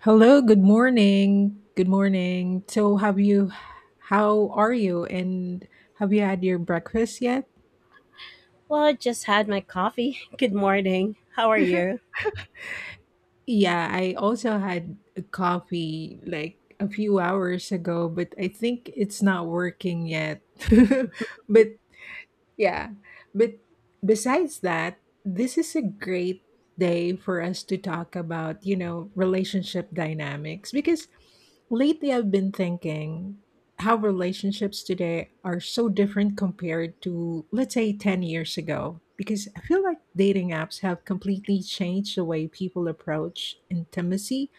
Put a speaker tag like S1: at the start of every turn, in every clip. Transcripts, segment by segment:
S1: Hello, good morning. Good morning. So, have you, how are you? And have you had your breakfast yet?
S2: Well, I just had my coffee. Good morning. How are you?
S1: Yeah, I also had a coffee like a few hours ago, but I think it's not working yet. but Yeah. But besides that, this is a great day for us to talk about, relationship dynamics because lately I've been thinking how relationships today are so different compared to, let's say, 10 years ago. Because I feel like dating apps have completely changed the way people approach intimacy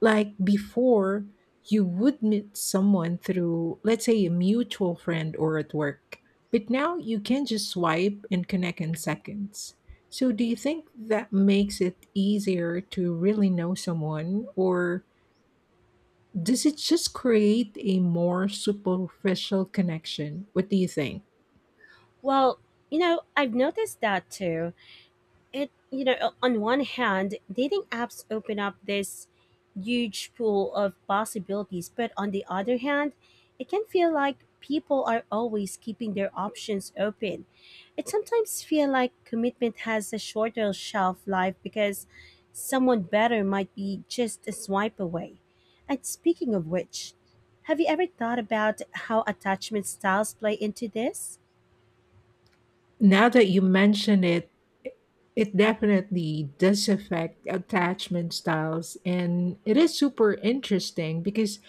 S1: like before you would meet someone through, let's say, a mutual friend or at work, but now you can just swipe and connect in seconds. So do you think that makes it easier to really know someone, or does it just create a more superficial connection? What do you think?
S2: Well, you know, I've noticed that too. It on one hand, dating apps open up this huge pool of possibilities, but on the other hand, it can feel like people are always keeping their options open. It sometimes feel like commitment has a shorter shelf life because someone better might be just a swipe away. And speaking of which, have you ever thought about how attachment styles play into this?
S1: Now that you mention it, it definitely does affect attachment styles, and it is super interesting because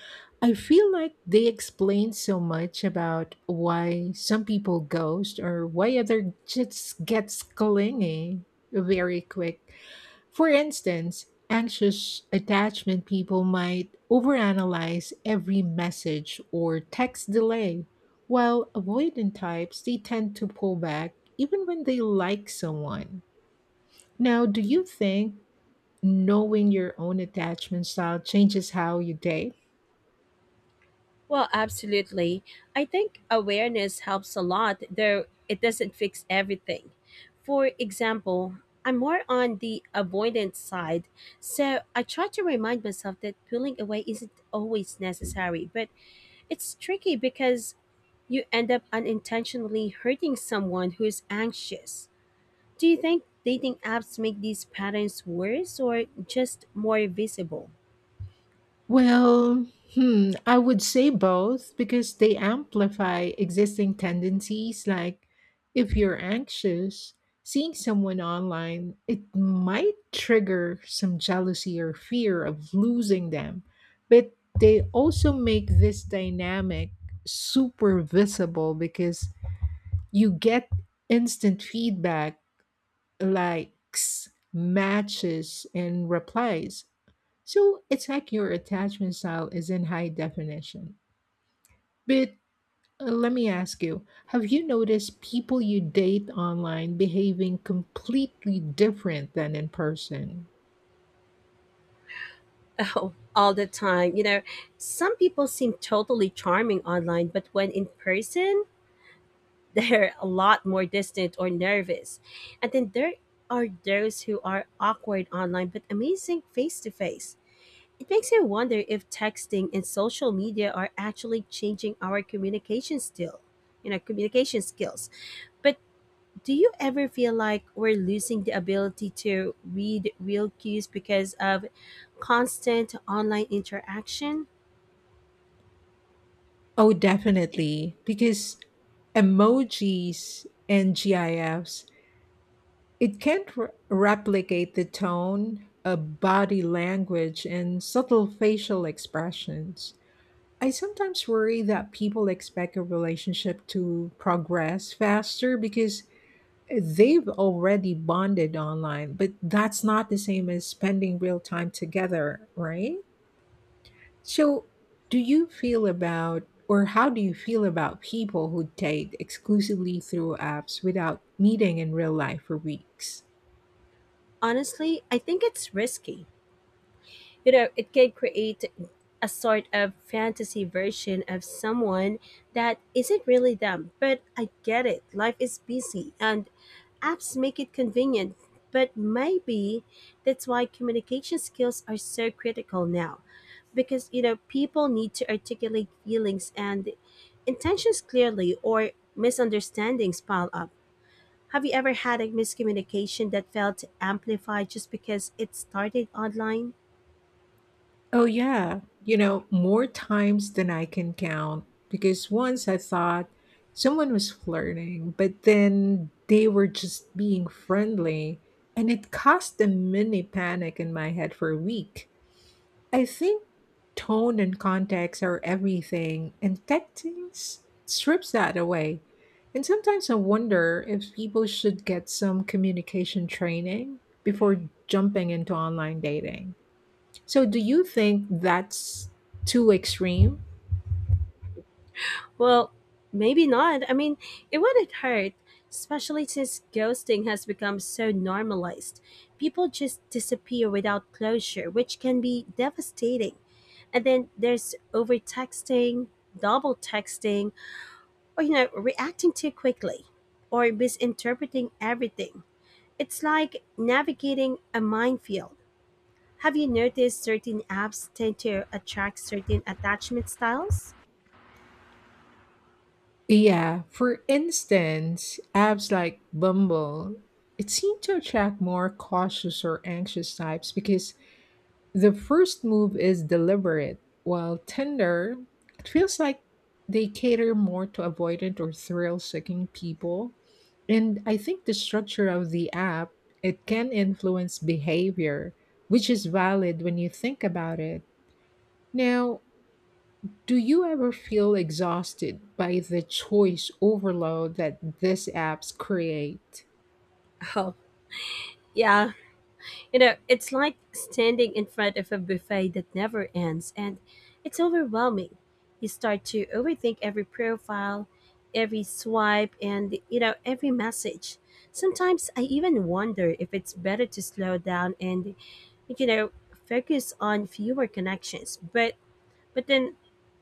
S1: I feel like they explain so much about why some people ghost or why other just gets clingy very quick. For instance, anxious attachment people might overanalyze every message or text delay, while avoidant types, they tend to pull back even when they like someone. Now, do you think knowing your own attachment style changes how you date?
S2: Well, absolutely. I think awareness helps a lot, though it doesn't fix everything. For example, I'm more on the avoidant side, so I try to remind myself that pulling away isn't always necessary, but it's tricky because you end up unintentionally hurting someone who is anxious. Do you think dating apps make these patterns worse or just more visible?
S1: Well, hmm, I would say both because they amplify existing tendencies. Like, if you're anxious, seeing someone online, it might trigger some jealousy or fear of losing them. But they also make this dynamic super visible because you get instant feedback, likes, matches, and replies, so it's like your attachment style is in high definition. But let me ask you, have you noticed people you date online behaving completely different than in person?
S2: Oh, all the time. You know, some people seem totally charming online, but when in person, they're a lot more distant or nervous. And then there are those who are awkward online but amazing face to face. It makes me wonder if texting and social media are actually changing our communication still, you know, communication skills. But do you ever feel like we're losing the ability to read real cues because of constant online interaction?
S1: Oh, definitely. Because emojis and GIFs, it can't replicate the tone, body language, and subtle facial expressions. I sometimes worry that people expect a relationship to progress faster because they've already bonded online, but that's not the same as spending real time together, right? So, do you feel about, or how do you feel about people who date exclusively through apps without meeting in real life for weeks?
S2: Honestly, I think it's risky. You know, it can create a sort of fantasy version of someone that isn't really them. But I get it. Life is busy and apps make it convenient. But maybe that's why communication skills are so critical now. Because, you know, people need to articulate feelings and intentions clearly or misunderstandings pile up. Have you ever had a miscommunication that felt amplified just because it started online?
S1: Oh, yeah. More times than I can count. Because once I thought someone was flirting, but then they were just being friendly. And it caused a mini panic in my head for a week. I think tone and context are everything, and strips that away. And sometimes I wonder if people should get some communication training before jumping into online dating. So, do you think that's too extreme?
S2: Well, maybe not. I mean, it wouldn't hurt, especially since ghosting has become so normalized. People just disappear without closure, which can be devastating. And then there's over texting, double texting, or you know, reacting too quickly or misinterpreting everything. It's like navigating a minefield. Have you noticed certain apps tend to attract certain attachment styles?
S1: Yeah, for instance, apps like Bumble, it seemed to attract more cautious or anxious types because the first move is deliberate, while Tinder, it feels like they cater more to avoidant or thrill seeking people. And I think the structure of the app, it can influence behavior, which is valid when you think about it. Now, do you ever feel exhausted by the choice overload that these apps create?
S2: Oh, yeah. You know, it's like standing in front of a buffet that never ends, and it's overwhelming. You start to overthink every profile, every swipe, and, you know, every message. Sometimes I even wonder if it's better to slow down and, you know, focus on fewer connections. But then,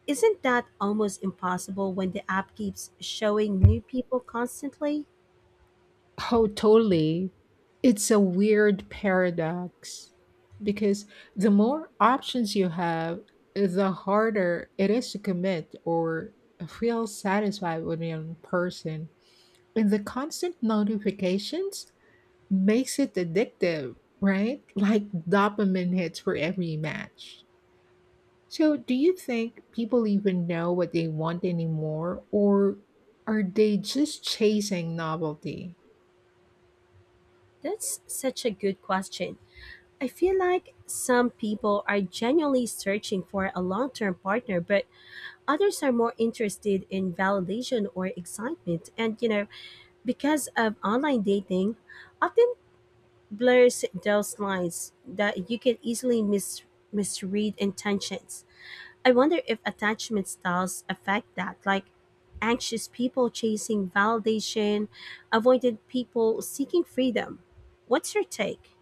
S2: isn't that almost impossible when the app keeps showing new people constantly?
S1: Oh, totally. It's a weird paradox because the more options you have, the harder it is to commit or feel satisfied with one person. And the constant notifications makes it addictive, right? Like dopamine hits for every match. So, do you think people even know what they want anymore, or are they just chasing novelty?
S2: That's such a good question. I feel like some people are genuinely searching for a long term partner, but others are more interested in validation or excitement. And, you know, because of online dating, often blurs those lines that you can easily misread intentions. I wonder if attachment styles affect that, like anxious people chasing validation, avoidant people seeking freedom. What's your take?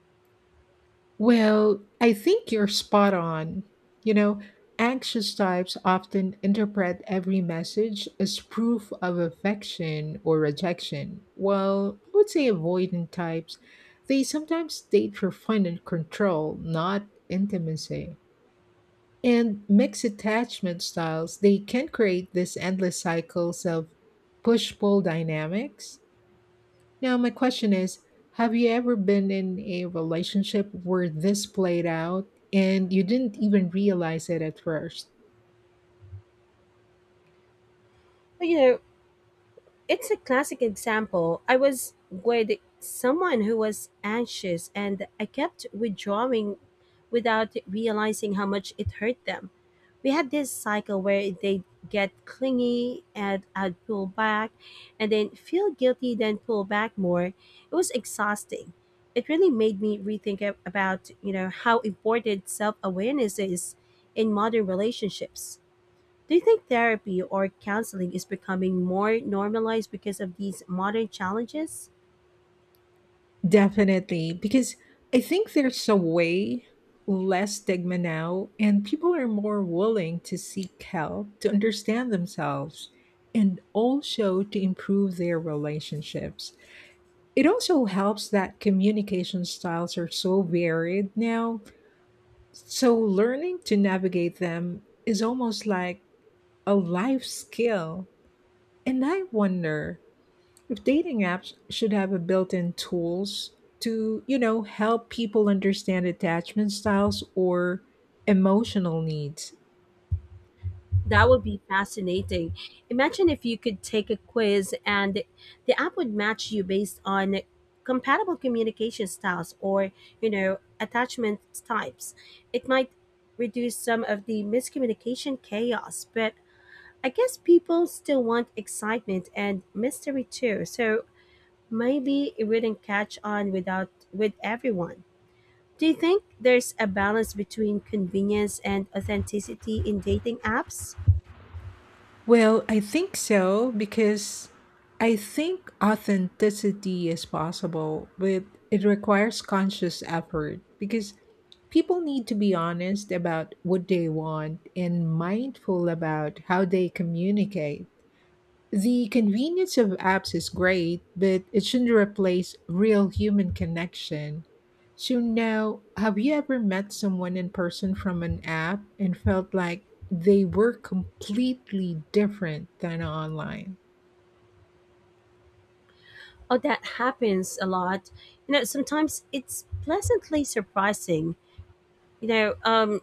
S1: Well, I think you're spot on. You know, anxious types often interpret every message as proof of affection or rejection, while I would say avoidant types, they sometimes date for fun and control, not intimacy. And mixed attachment styles, they can create this endless cycles of push pull dynamics. Now, my question is, have you ever been in a relationship where this played out and you didn't even realize it at first?
S2: Well, you know, it's a classic example. I was with someone who was anxious and I kept withdrawing without realizing how much it hurt them. We had this cycle where they'd get clingy and I'd pull back and then feel guilty, then pull back more. It was exhausting. It really made me rethink about, you know, how important self-awareness is in modern relationships. Do you think therapy or counseling is becoming more normalized because of these modern challenges?
S1: Definitely, because I think there's a way less stigma now, and people are more willing to seek help to understand themselves and also to improve their relationships. It also helps that communication styles are so varied now, so learning to navigate them is almost like a life skill. And I wonder if dating apps should have a built-in tools to, help people understand attachment styles or emotional needs.
S2: That would be fascinating. Imagine if you could take a quiz and the app would match you based on compatible communication styles or, you know, attachment types. It might reduce some of the miscommunication chaos, but I guess people still want excitement and mystery too. So maybe it wouldn't catch on without with everyone. Do you think there's a balance between convenience and authenticity in dating apps?
S1: Well, I think so because I think authenticity is possible, but it requires conscious effort because people need to be honest about what they want and mindful about how they communicate. The convenience of apps is great, but it shouldn't replace real human connection. So, now, have you ever met someone in person from an app and felt like they were completely different than online?
S2: Oh, that happens a lot. You know, sometimes it's pleasantly surprising, you know, um,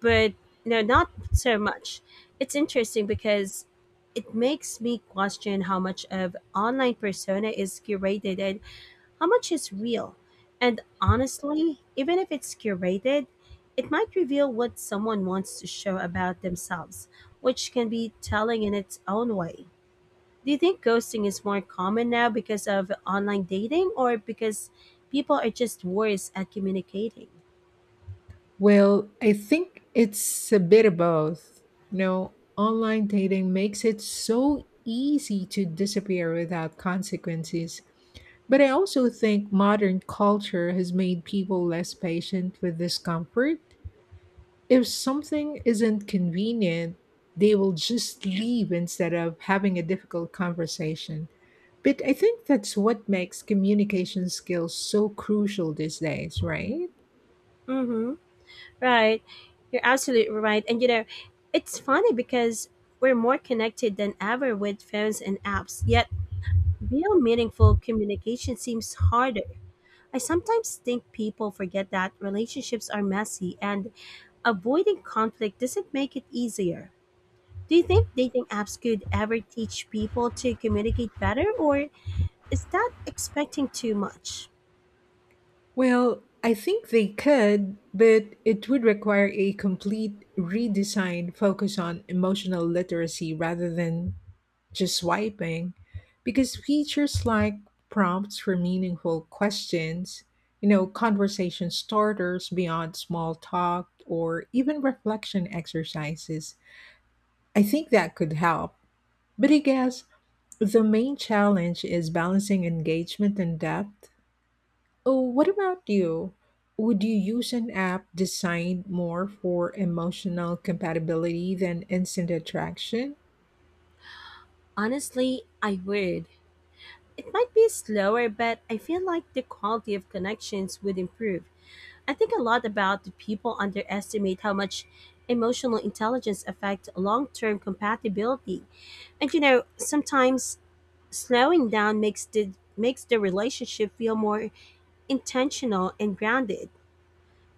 S2: but you know, not so much. It's interesting because it makes me question how much of online persona is curated and how much is real. And honestly, even if it's curated, it might reveal what someone wants to show about themselves, which can be telling in its own way. Do you think ghosting is more common now because of online dating or because people are just worse at communicating?
S1: Well, I think it's a bit of both. You know, online dating makes it so easy to disappear without consequences. But I also think modern culture has made people less patient with discomfort. If something isn't convenient, they will just leave instead of having a difficult conversation. But I think that's what makes communication skills so crucial these days, right?
S2: Mm-hmm. Right. You're absolutely right. And you know, it's funny because we're more connected than ever with phones and apps, yet real meaningful communication seems harder. I sometimes think people forget that relationships are messy and avoiding conflict doesn't make it easier. Do you think dating apps could ever teach people to communicate better, or is that expecting too much?
S1: Well, I think they could, but it would require a complete redesign focus on emotional literacy rather than just swiping. Because features like prompts for meaningful questions, conversation starters beyond small talk, or even reflection exercises, I think that could help. But I guess the main challenge is balancing engagement and depth. Oh, what about you? Would you use an app designed more for emotional compatibility than instant attraction?
S2: Honestly, I would. It might be slower, but I feel like the quality of connections would improve. I think a lot about the people underestimate how much emotional intelligence affects long term compatibility. And you know, sometimes slowing down makes the relationship feel more intentional and grounded.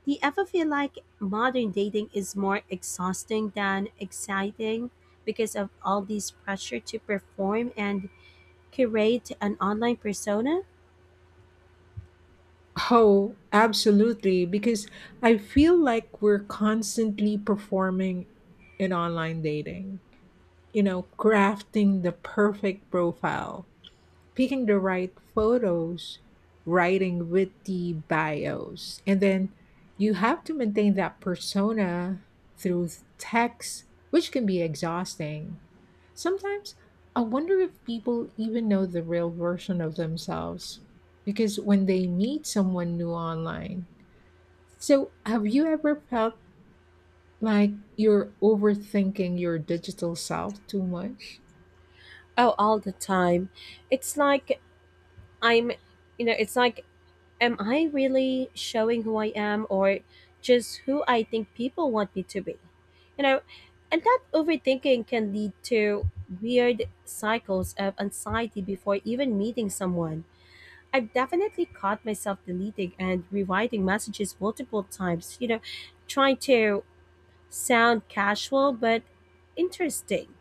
S2: Do you ever feel like modern dating is more exhausting than exciting because of all this pressure to perform and curate an online persona?
S1: Oh, absolutely, because I feel like we're constantly performing in online dating, crafting the perfect profile, picking the right photos, writing witty bios, and then you have to maintain that persona through text, which can be exhausting. Sometimes I wonder if people even know the real version of themselves because when they meet someone new online. So, have you ever felt like you're overthinking your digital self too much?
S2: Oh, all the time. It's like I'm, you know, it's like, am I really showing who I am or just who I think people want me to be? You know, and that overthinking can lead to weird cycles of anxiety before even meeting someone. I've definitely caught myself deleting and rewriting messages multiple times, you know, trying to sound casual but interesting.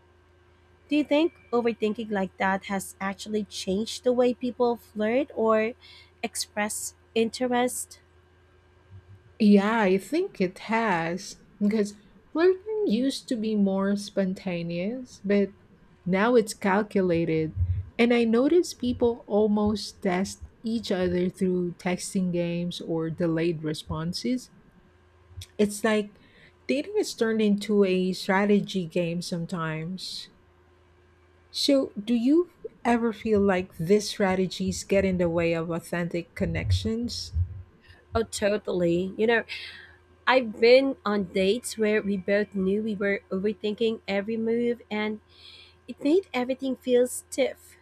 S2: Do you think overthinking like that has actually changed the way people flirt or express interest?
S1: Yeah, I think it has. Because flirting used to be more spontaneous, but now it's calculated. And I notice people almost test each other through texting games or delayed responses. It's like dating is turned into a strategy game sometimes. So, do you ever feel like these strategies get in the way of authentic connections?
S2: Oh, totally. You know, I've been on dates where we both knew we were overthinking every move, and it made everything feel stiff.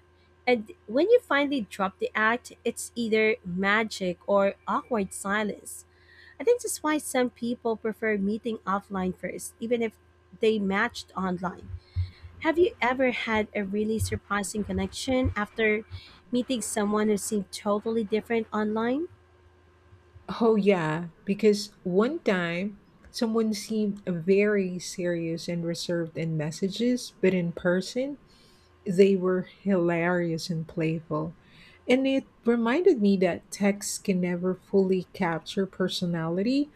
S2: And when you finally drop the act, it's either magic or awkward silence. I think that's why some people prefer meeting offline first, even if they matched online. Have you ever had a really surprising connection after meeting someone who seemed totally different online?
S1: Oh, yeah, because one time someone seemed very serious and reserved in messages, but in person, they were hilarious and playful. And it reminded me that text can never fully capture personality,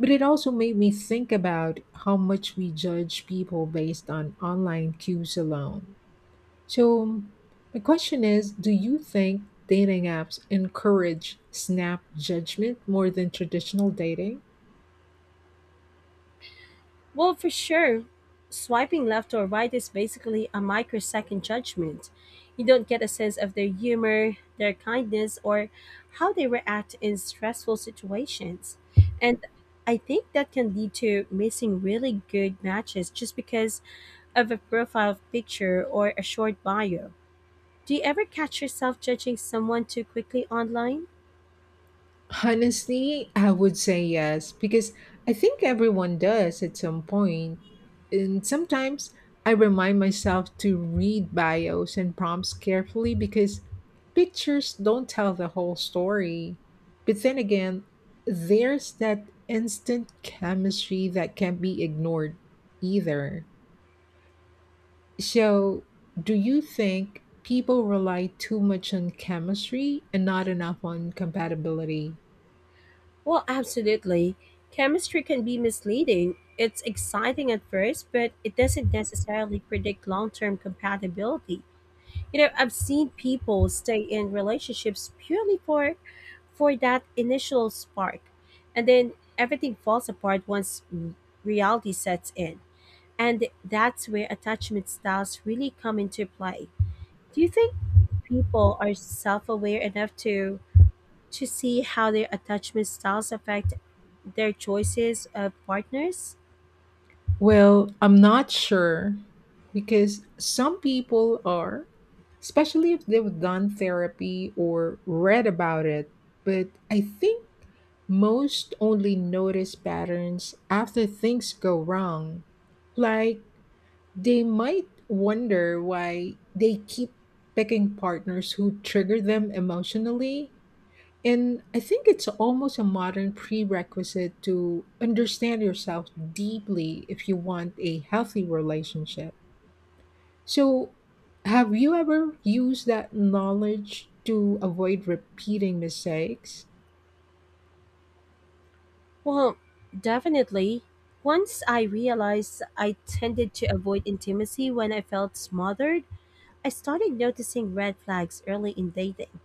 S1: but it also made me think about how much we judge people based on online cues alone. So, my question is, do you think dating apps encourage snap judgment more than traditional dating?
S2: Well, for sure, swiping left or right is basically a microsecond judgment. You don't get a sense of their humor, their kindness, or how they react in stressful situations. And I think that can lead to missing really good matches just because of a profile picture or a short bio. Do you ever catch yourself judging someone too quickly online?
S1: Honestly, I would say yes, because I think everyone does at some point. And sometimes I remind myself to read bios and prompts carefully because pictures don't tell the whole story. But then again, there's that instant chemistry that can't be ignored either. So, do you think people rely too much on chemistry and not enough on compatibility?
S2: Well, absolutely. Chemistry can be misleading. It's exciting at first, but it doesn't necessarily predict long term compatibility. You know, I've seen people stay in relationships purely for that initial spark. And then everything falls apart once reality sets in. And that's where attachment styles really come into play. Do you think people are self aware enough to see how their attachment styles affect their choices of partners?
S1: Well, I'm not sure because some people are, especially if they've done therapy or read about it. But I think most only notice patterns after things go wrong. Like, they might wonder why they keep picking partners who trigger them emotionally. And I think it's almost a modern prerequisite to understand yourself deeply if you want a healthy relationship. So, have you ever used that knowledge to avoid repeating mistakes?
S2: Well, definitely. Once I realized I tended to avoid intimacy when I felt smothered, I started noticing red flags early in dating.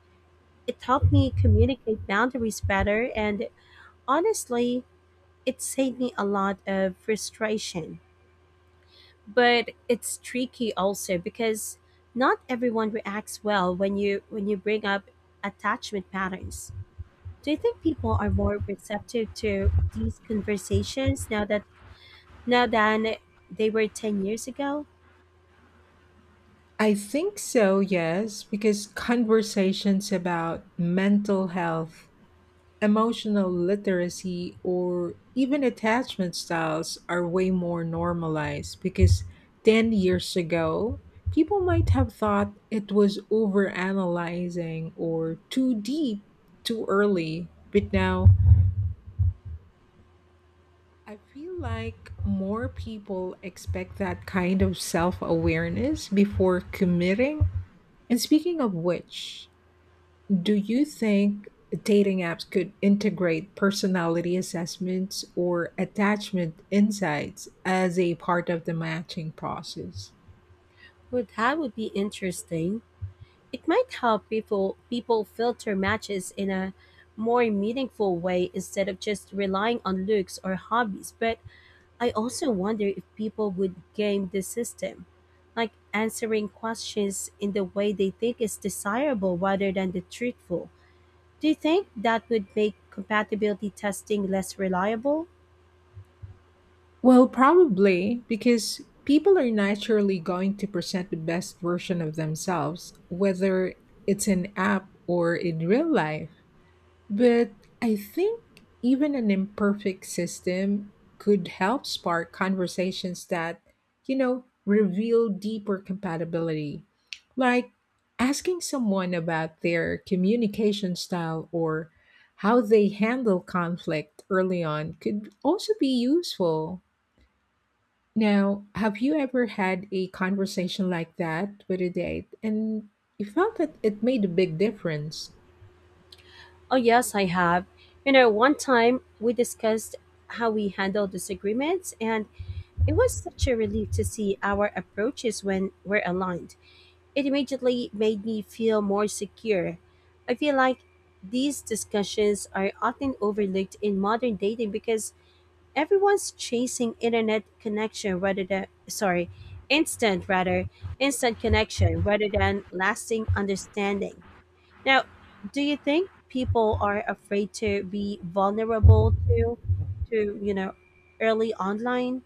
S2: It helped me communicate boundaries better, and honestly, it saved me a lot of frustration. But it's tricky also because not everyone reacts well when you bring up attachment patterns. Do you think people are more receptive to these conversations now than they were 10 years ago?
S1: I think so, yes, because conversations about mental health, emotional literacy, or even attachment styles are way more normalized. Because 10 years ago, people might have thought it was overanalyzing or too deep too early. But now, I feel like more people expect that kind of self awareness before committing. And speaking of which, do you think dating apps could integrate personality assessments or attachment insights as a part of the matching process?
S2: Well, that would be interesting. It might help people filter matches in a more meaningful way instead of just relying on looks or hobbies. But I also wonder if people would game the system, like answering questions in the way they think is desirable rather than the truthful. Do you think that would make compatibility testing less reliable?
S1: Well, probably, because people are naturally going to present the best version of themselves, whether it's an app or in real life. But I think even an imperfect system could help spark conversations that, reveal deeper compatibility. Like asking someone about their communication style or how they handle conflict early on could also be useful. Now, have you ever had a conversation like that with a date and you felt that it made a big difference?
S2: Oh, yes, I have. You know, one time we discussed how we handle disagreements, and it was such a relief to see our approaches when we're aligned. It immediately made me feel more secure. I feel like these discussions are often overlooked in modern dating because everyone's chasing internet connection rather than sorry, instant rather, instant connection rather than lasting understanding. Now, do you think people are afraid to be vulnerable you know, early online?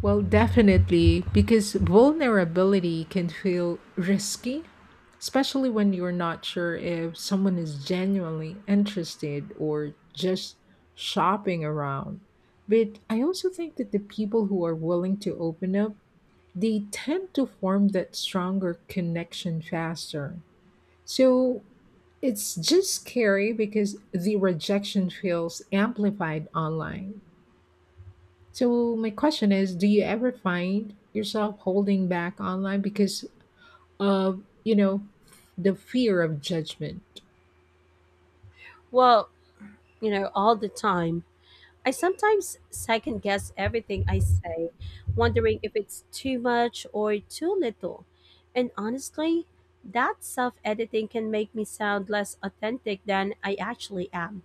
S1: Well, definitely, because vulnerability can feel risky, especially when you're not sure if someone is genuinely interested or just shopping around. But I also think that the people who are willing to open up, they tend to form that stronger connection faster. So it's just scary because the rejection feels amplified online. So my question is, do you ever find yourself holding back online because of, the fear of judgment?
S2: Well, you know, all the time. I sometimes second guess everything I say, wondering if it's too much or too little. And honestly, that self editing can make me sound less authentic than I actually am.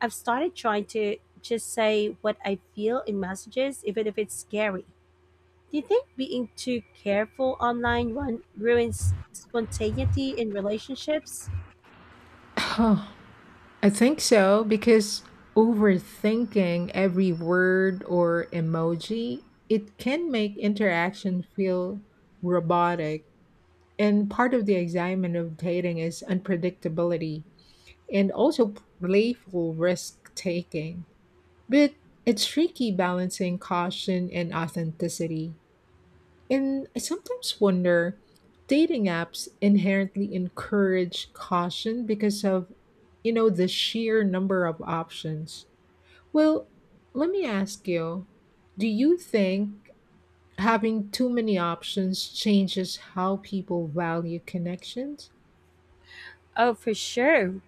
S2: I've started trying to just say what I feel in messages, even if it's scary. Do you think being too careful online ruins spontaneity in relationships?
S1: I think so because overthinking every word or emoji, it can make interaction feel robotic. And part of the excitement of dating is unpredictability and also playful risk taking. But it's tricky balancing caution and authenticity. And I sometimes wonder dating apps inherently encourage caution because of, the sheer number of options. Well, let me ask you, do you think having too many options changes how people value connections?
S2: Oh, for sure.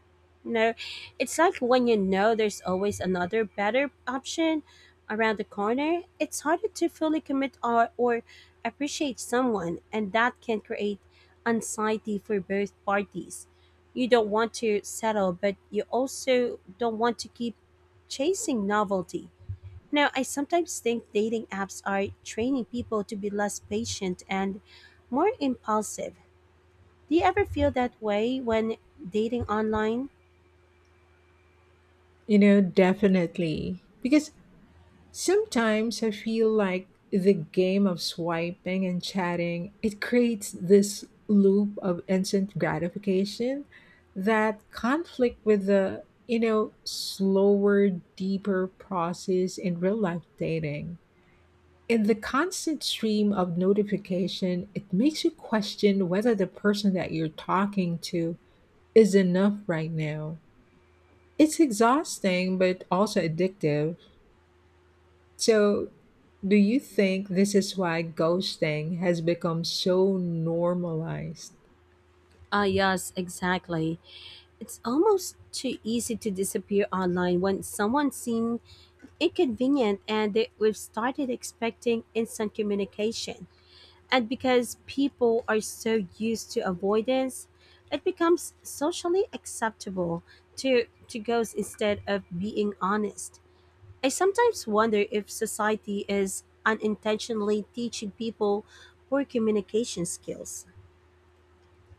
S2: No, it's like when you know there's always another better option around the corner, it's harder to fully commit or appreciate someone, and that can create anxiety for both parties. You don't want to settle, but you also don't want to keep chasing novelty. Now, I sometimes think dating apps are training people to be less patient and more impulsive. Do you ever feel that way when dating online?
S1: You know, definitely. Because sometimes I feel like the game of swiping and chatting, it creates this loop of instant gratification that conflict with the, slower, deeper process in real life dating. In the constant stream of notification, it makes you question whether the person that you're talking to is enough right now. It's exhausting but also addictive. So, do you think this is why ghosting has become so normalized?
S2: Ah, yes, exactly. It's almost too easy to disappear online when someone seemed inconvenient and they, we've started expecting instant communication. And because people are so used to avoidance, it becomes socially acceptable to ghost instead of being honest. I sometimes wonder if society is unintentionally teaching people poor communication skills.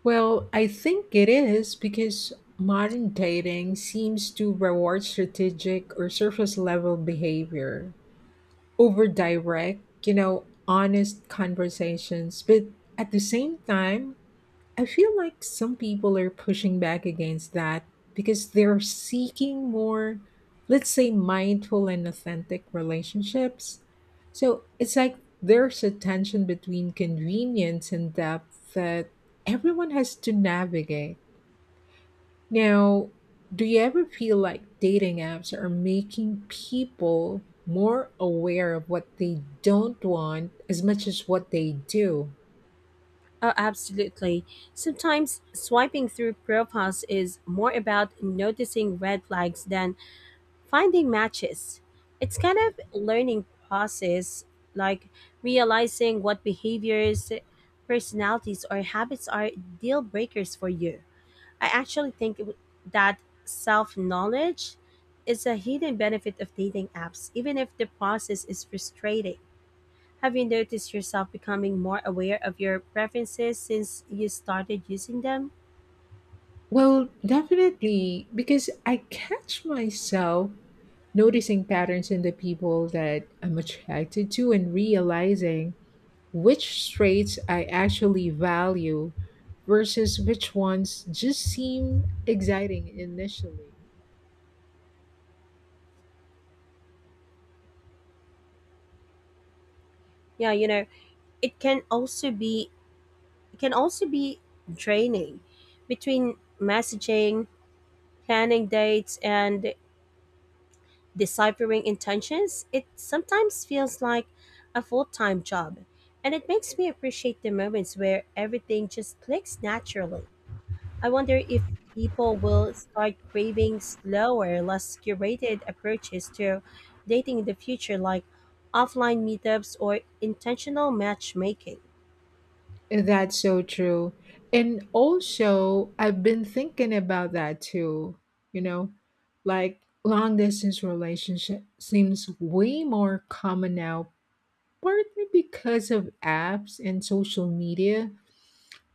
S1: Well, I think it is because modern dating seems to reward strategic or surface level behavior over direct, honest conversations. But at the same time, I feel like some people are pushing back against that because they're seeking more, let's say, mindful and authentic relationships. So it's like there's a tension between convenience and depth that everyone has to navigate. Now, do you ever feel like dating apps are making people more aware of what they don't want as much as what they do?
S2: Oh, absolutely. Sometimes swiping through profiles is more about noticing red flags than finding matches. It's kind of learning process, like realizing what behaviors, personalities, or habits are deal breakers for you. I actually think that self knowledge is a hidden benefit of dating apps, even if the process is frustrating. Have you noticed yourself becoming more aware of your preferences since you started using them?
S1: Well, definitely, because I catch myself noticing patterns in the people that I'm attracted to and realizing which traits I actually value versus which ones just seem exciting initially.
S2: Yeah, you know, it can also be it can also be draining between messaging, planning dates and deciphering intentions. It sometimes feels like a full time job, and it makes me appreciate the moments where everything just clicks naturally. I wonder if people will start craving slower, less curated approaches to dating in the future, like offline meetups or intentional matchmaking.
S1: That's so true. And also, I've been thinking about that too, you know, like long distance relationship seems way more common now, partly because of apps and social media,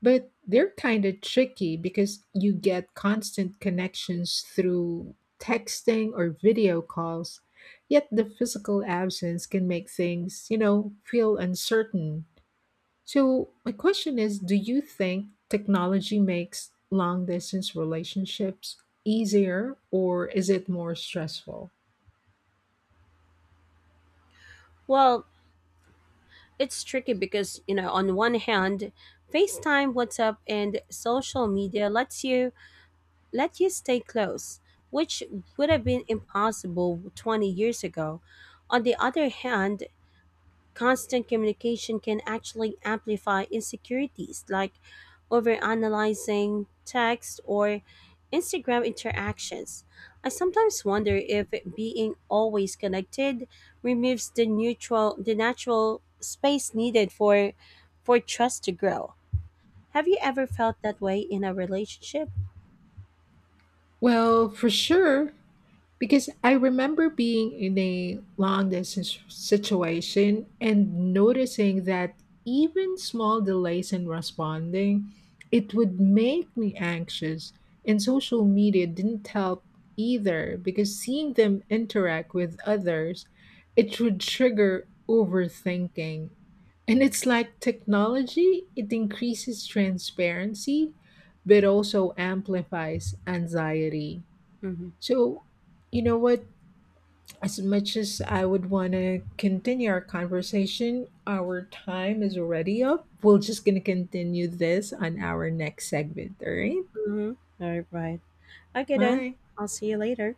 S1: but they're kind of tricky because you get constant connections through texting or video calls. Yet the physical absence can make things, feel uncertain. So, my question is, do you think technology makes long distance relationships easier, or is it more stressful?
S2: Well, it's tricky because, you know, on one hand, FaceTime, WhatsApp, and social media let you stay close, which would have been impossible 20 years ago. On the other hand, constant communication can actually amplify insecurities like overanalyzing text or Instagram interactions. I sometimes wonder if being always connected removes the natural space needed for trust to grow. Have you ever felt that way in a relationship?
S1: Well, for sure, because I remember being in a long distance situation and noticing that even small delays in responding, it would make me anxious. And social media didn't help either because seeing them interact with others, it would trigger overthinking. And it's like technology, it increases transparency, but also amplifies anxiety.
S2: Mhm.
S1: So, you know what? As much as I would want to continue our conversation, our time is already up. We're just going to continue this on our next segment. All right.
S2: Mhm. All right. Okay then.
S1: Bye.
S2: I'll see you later.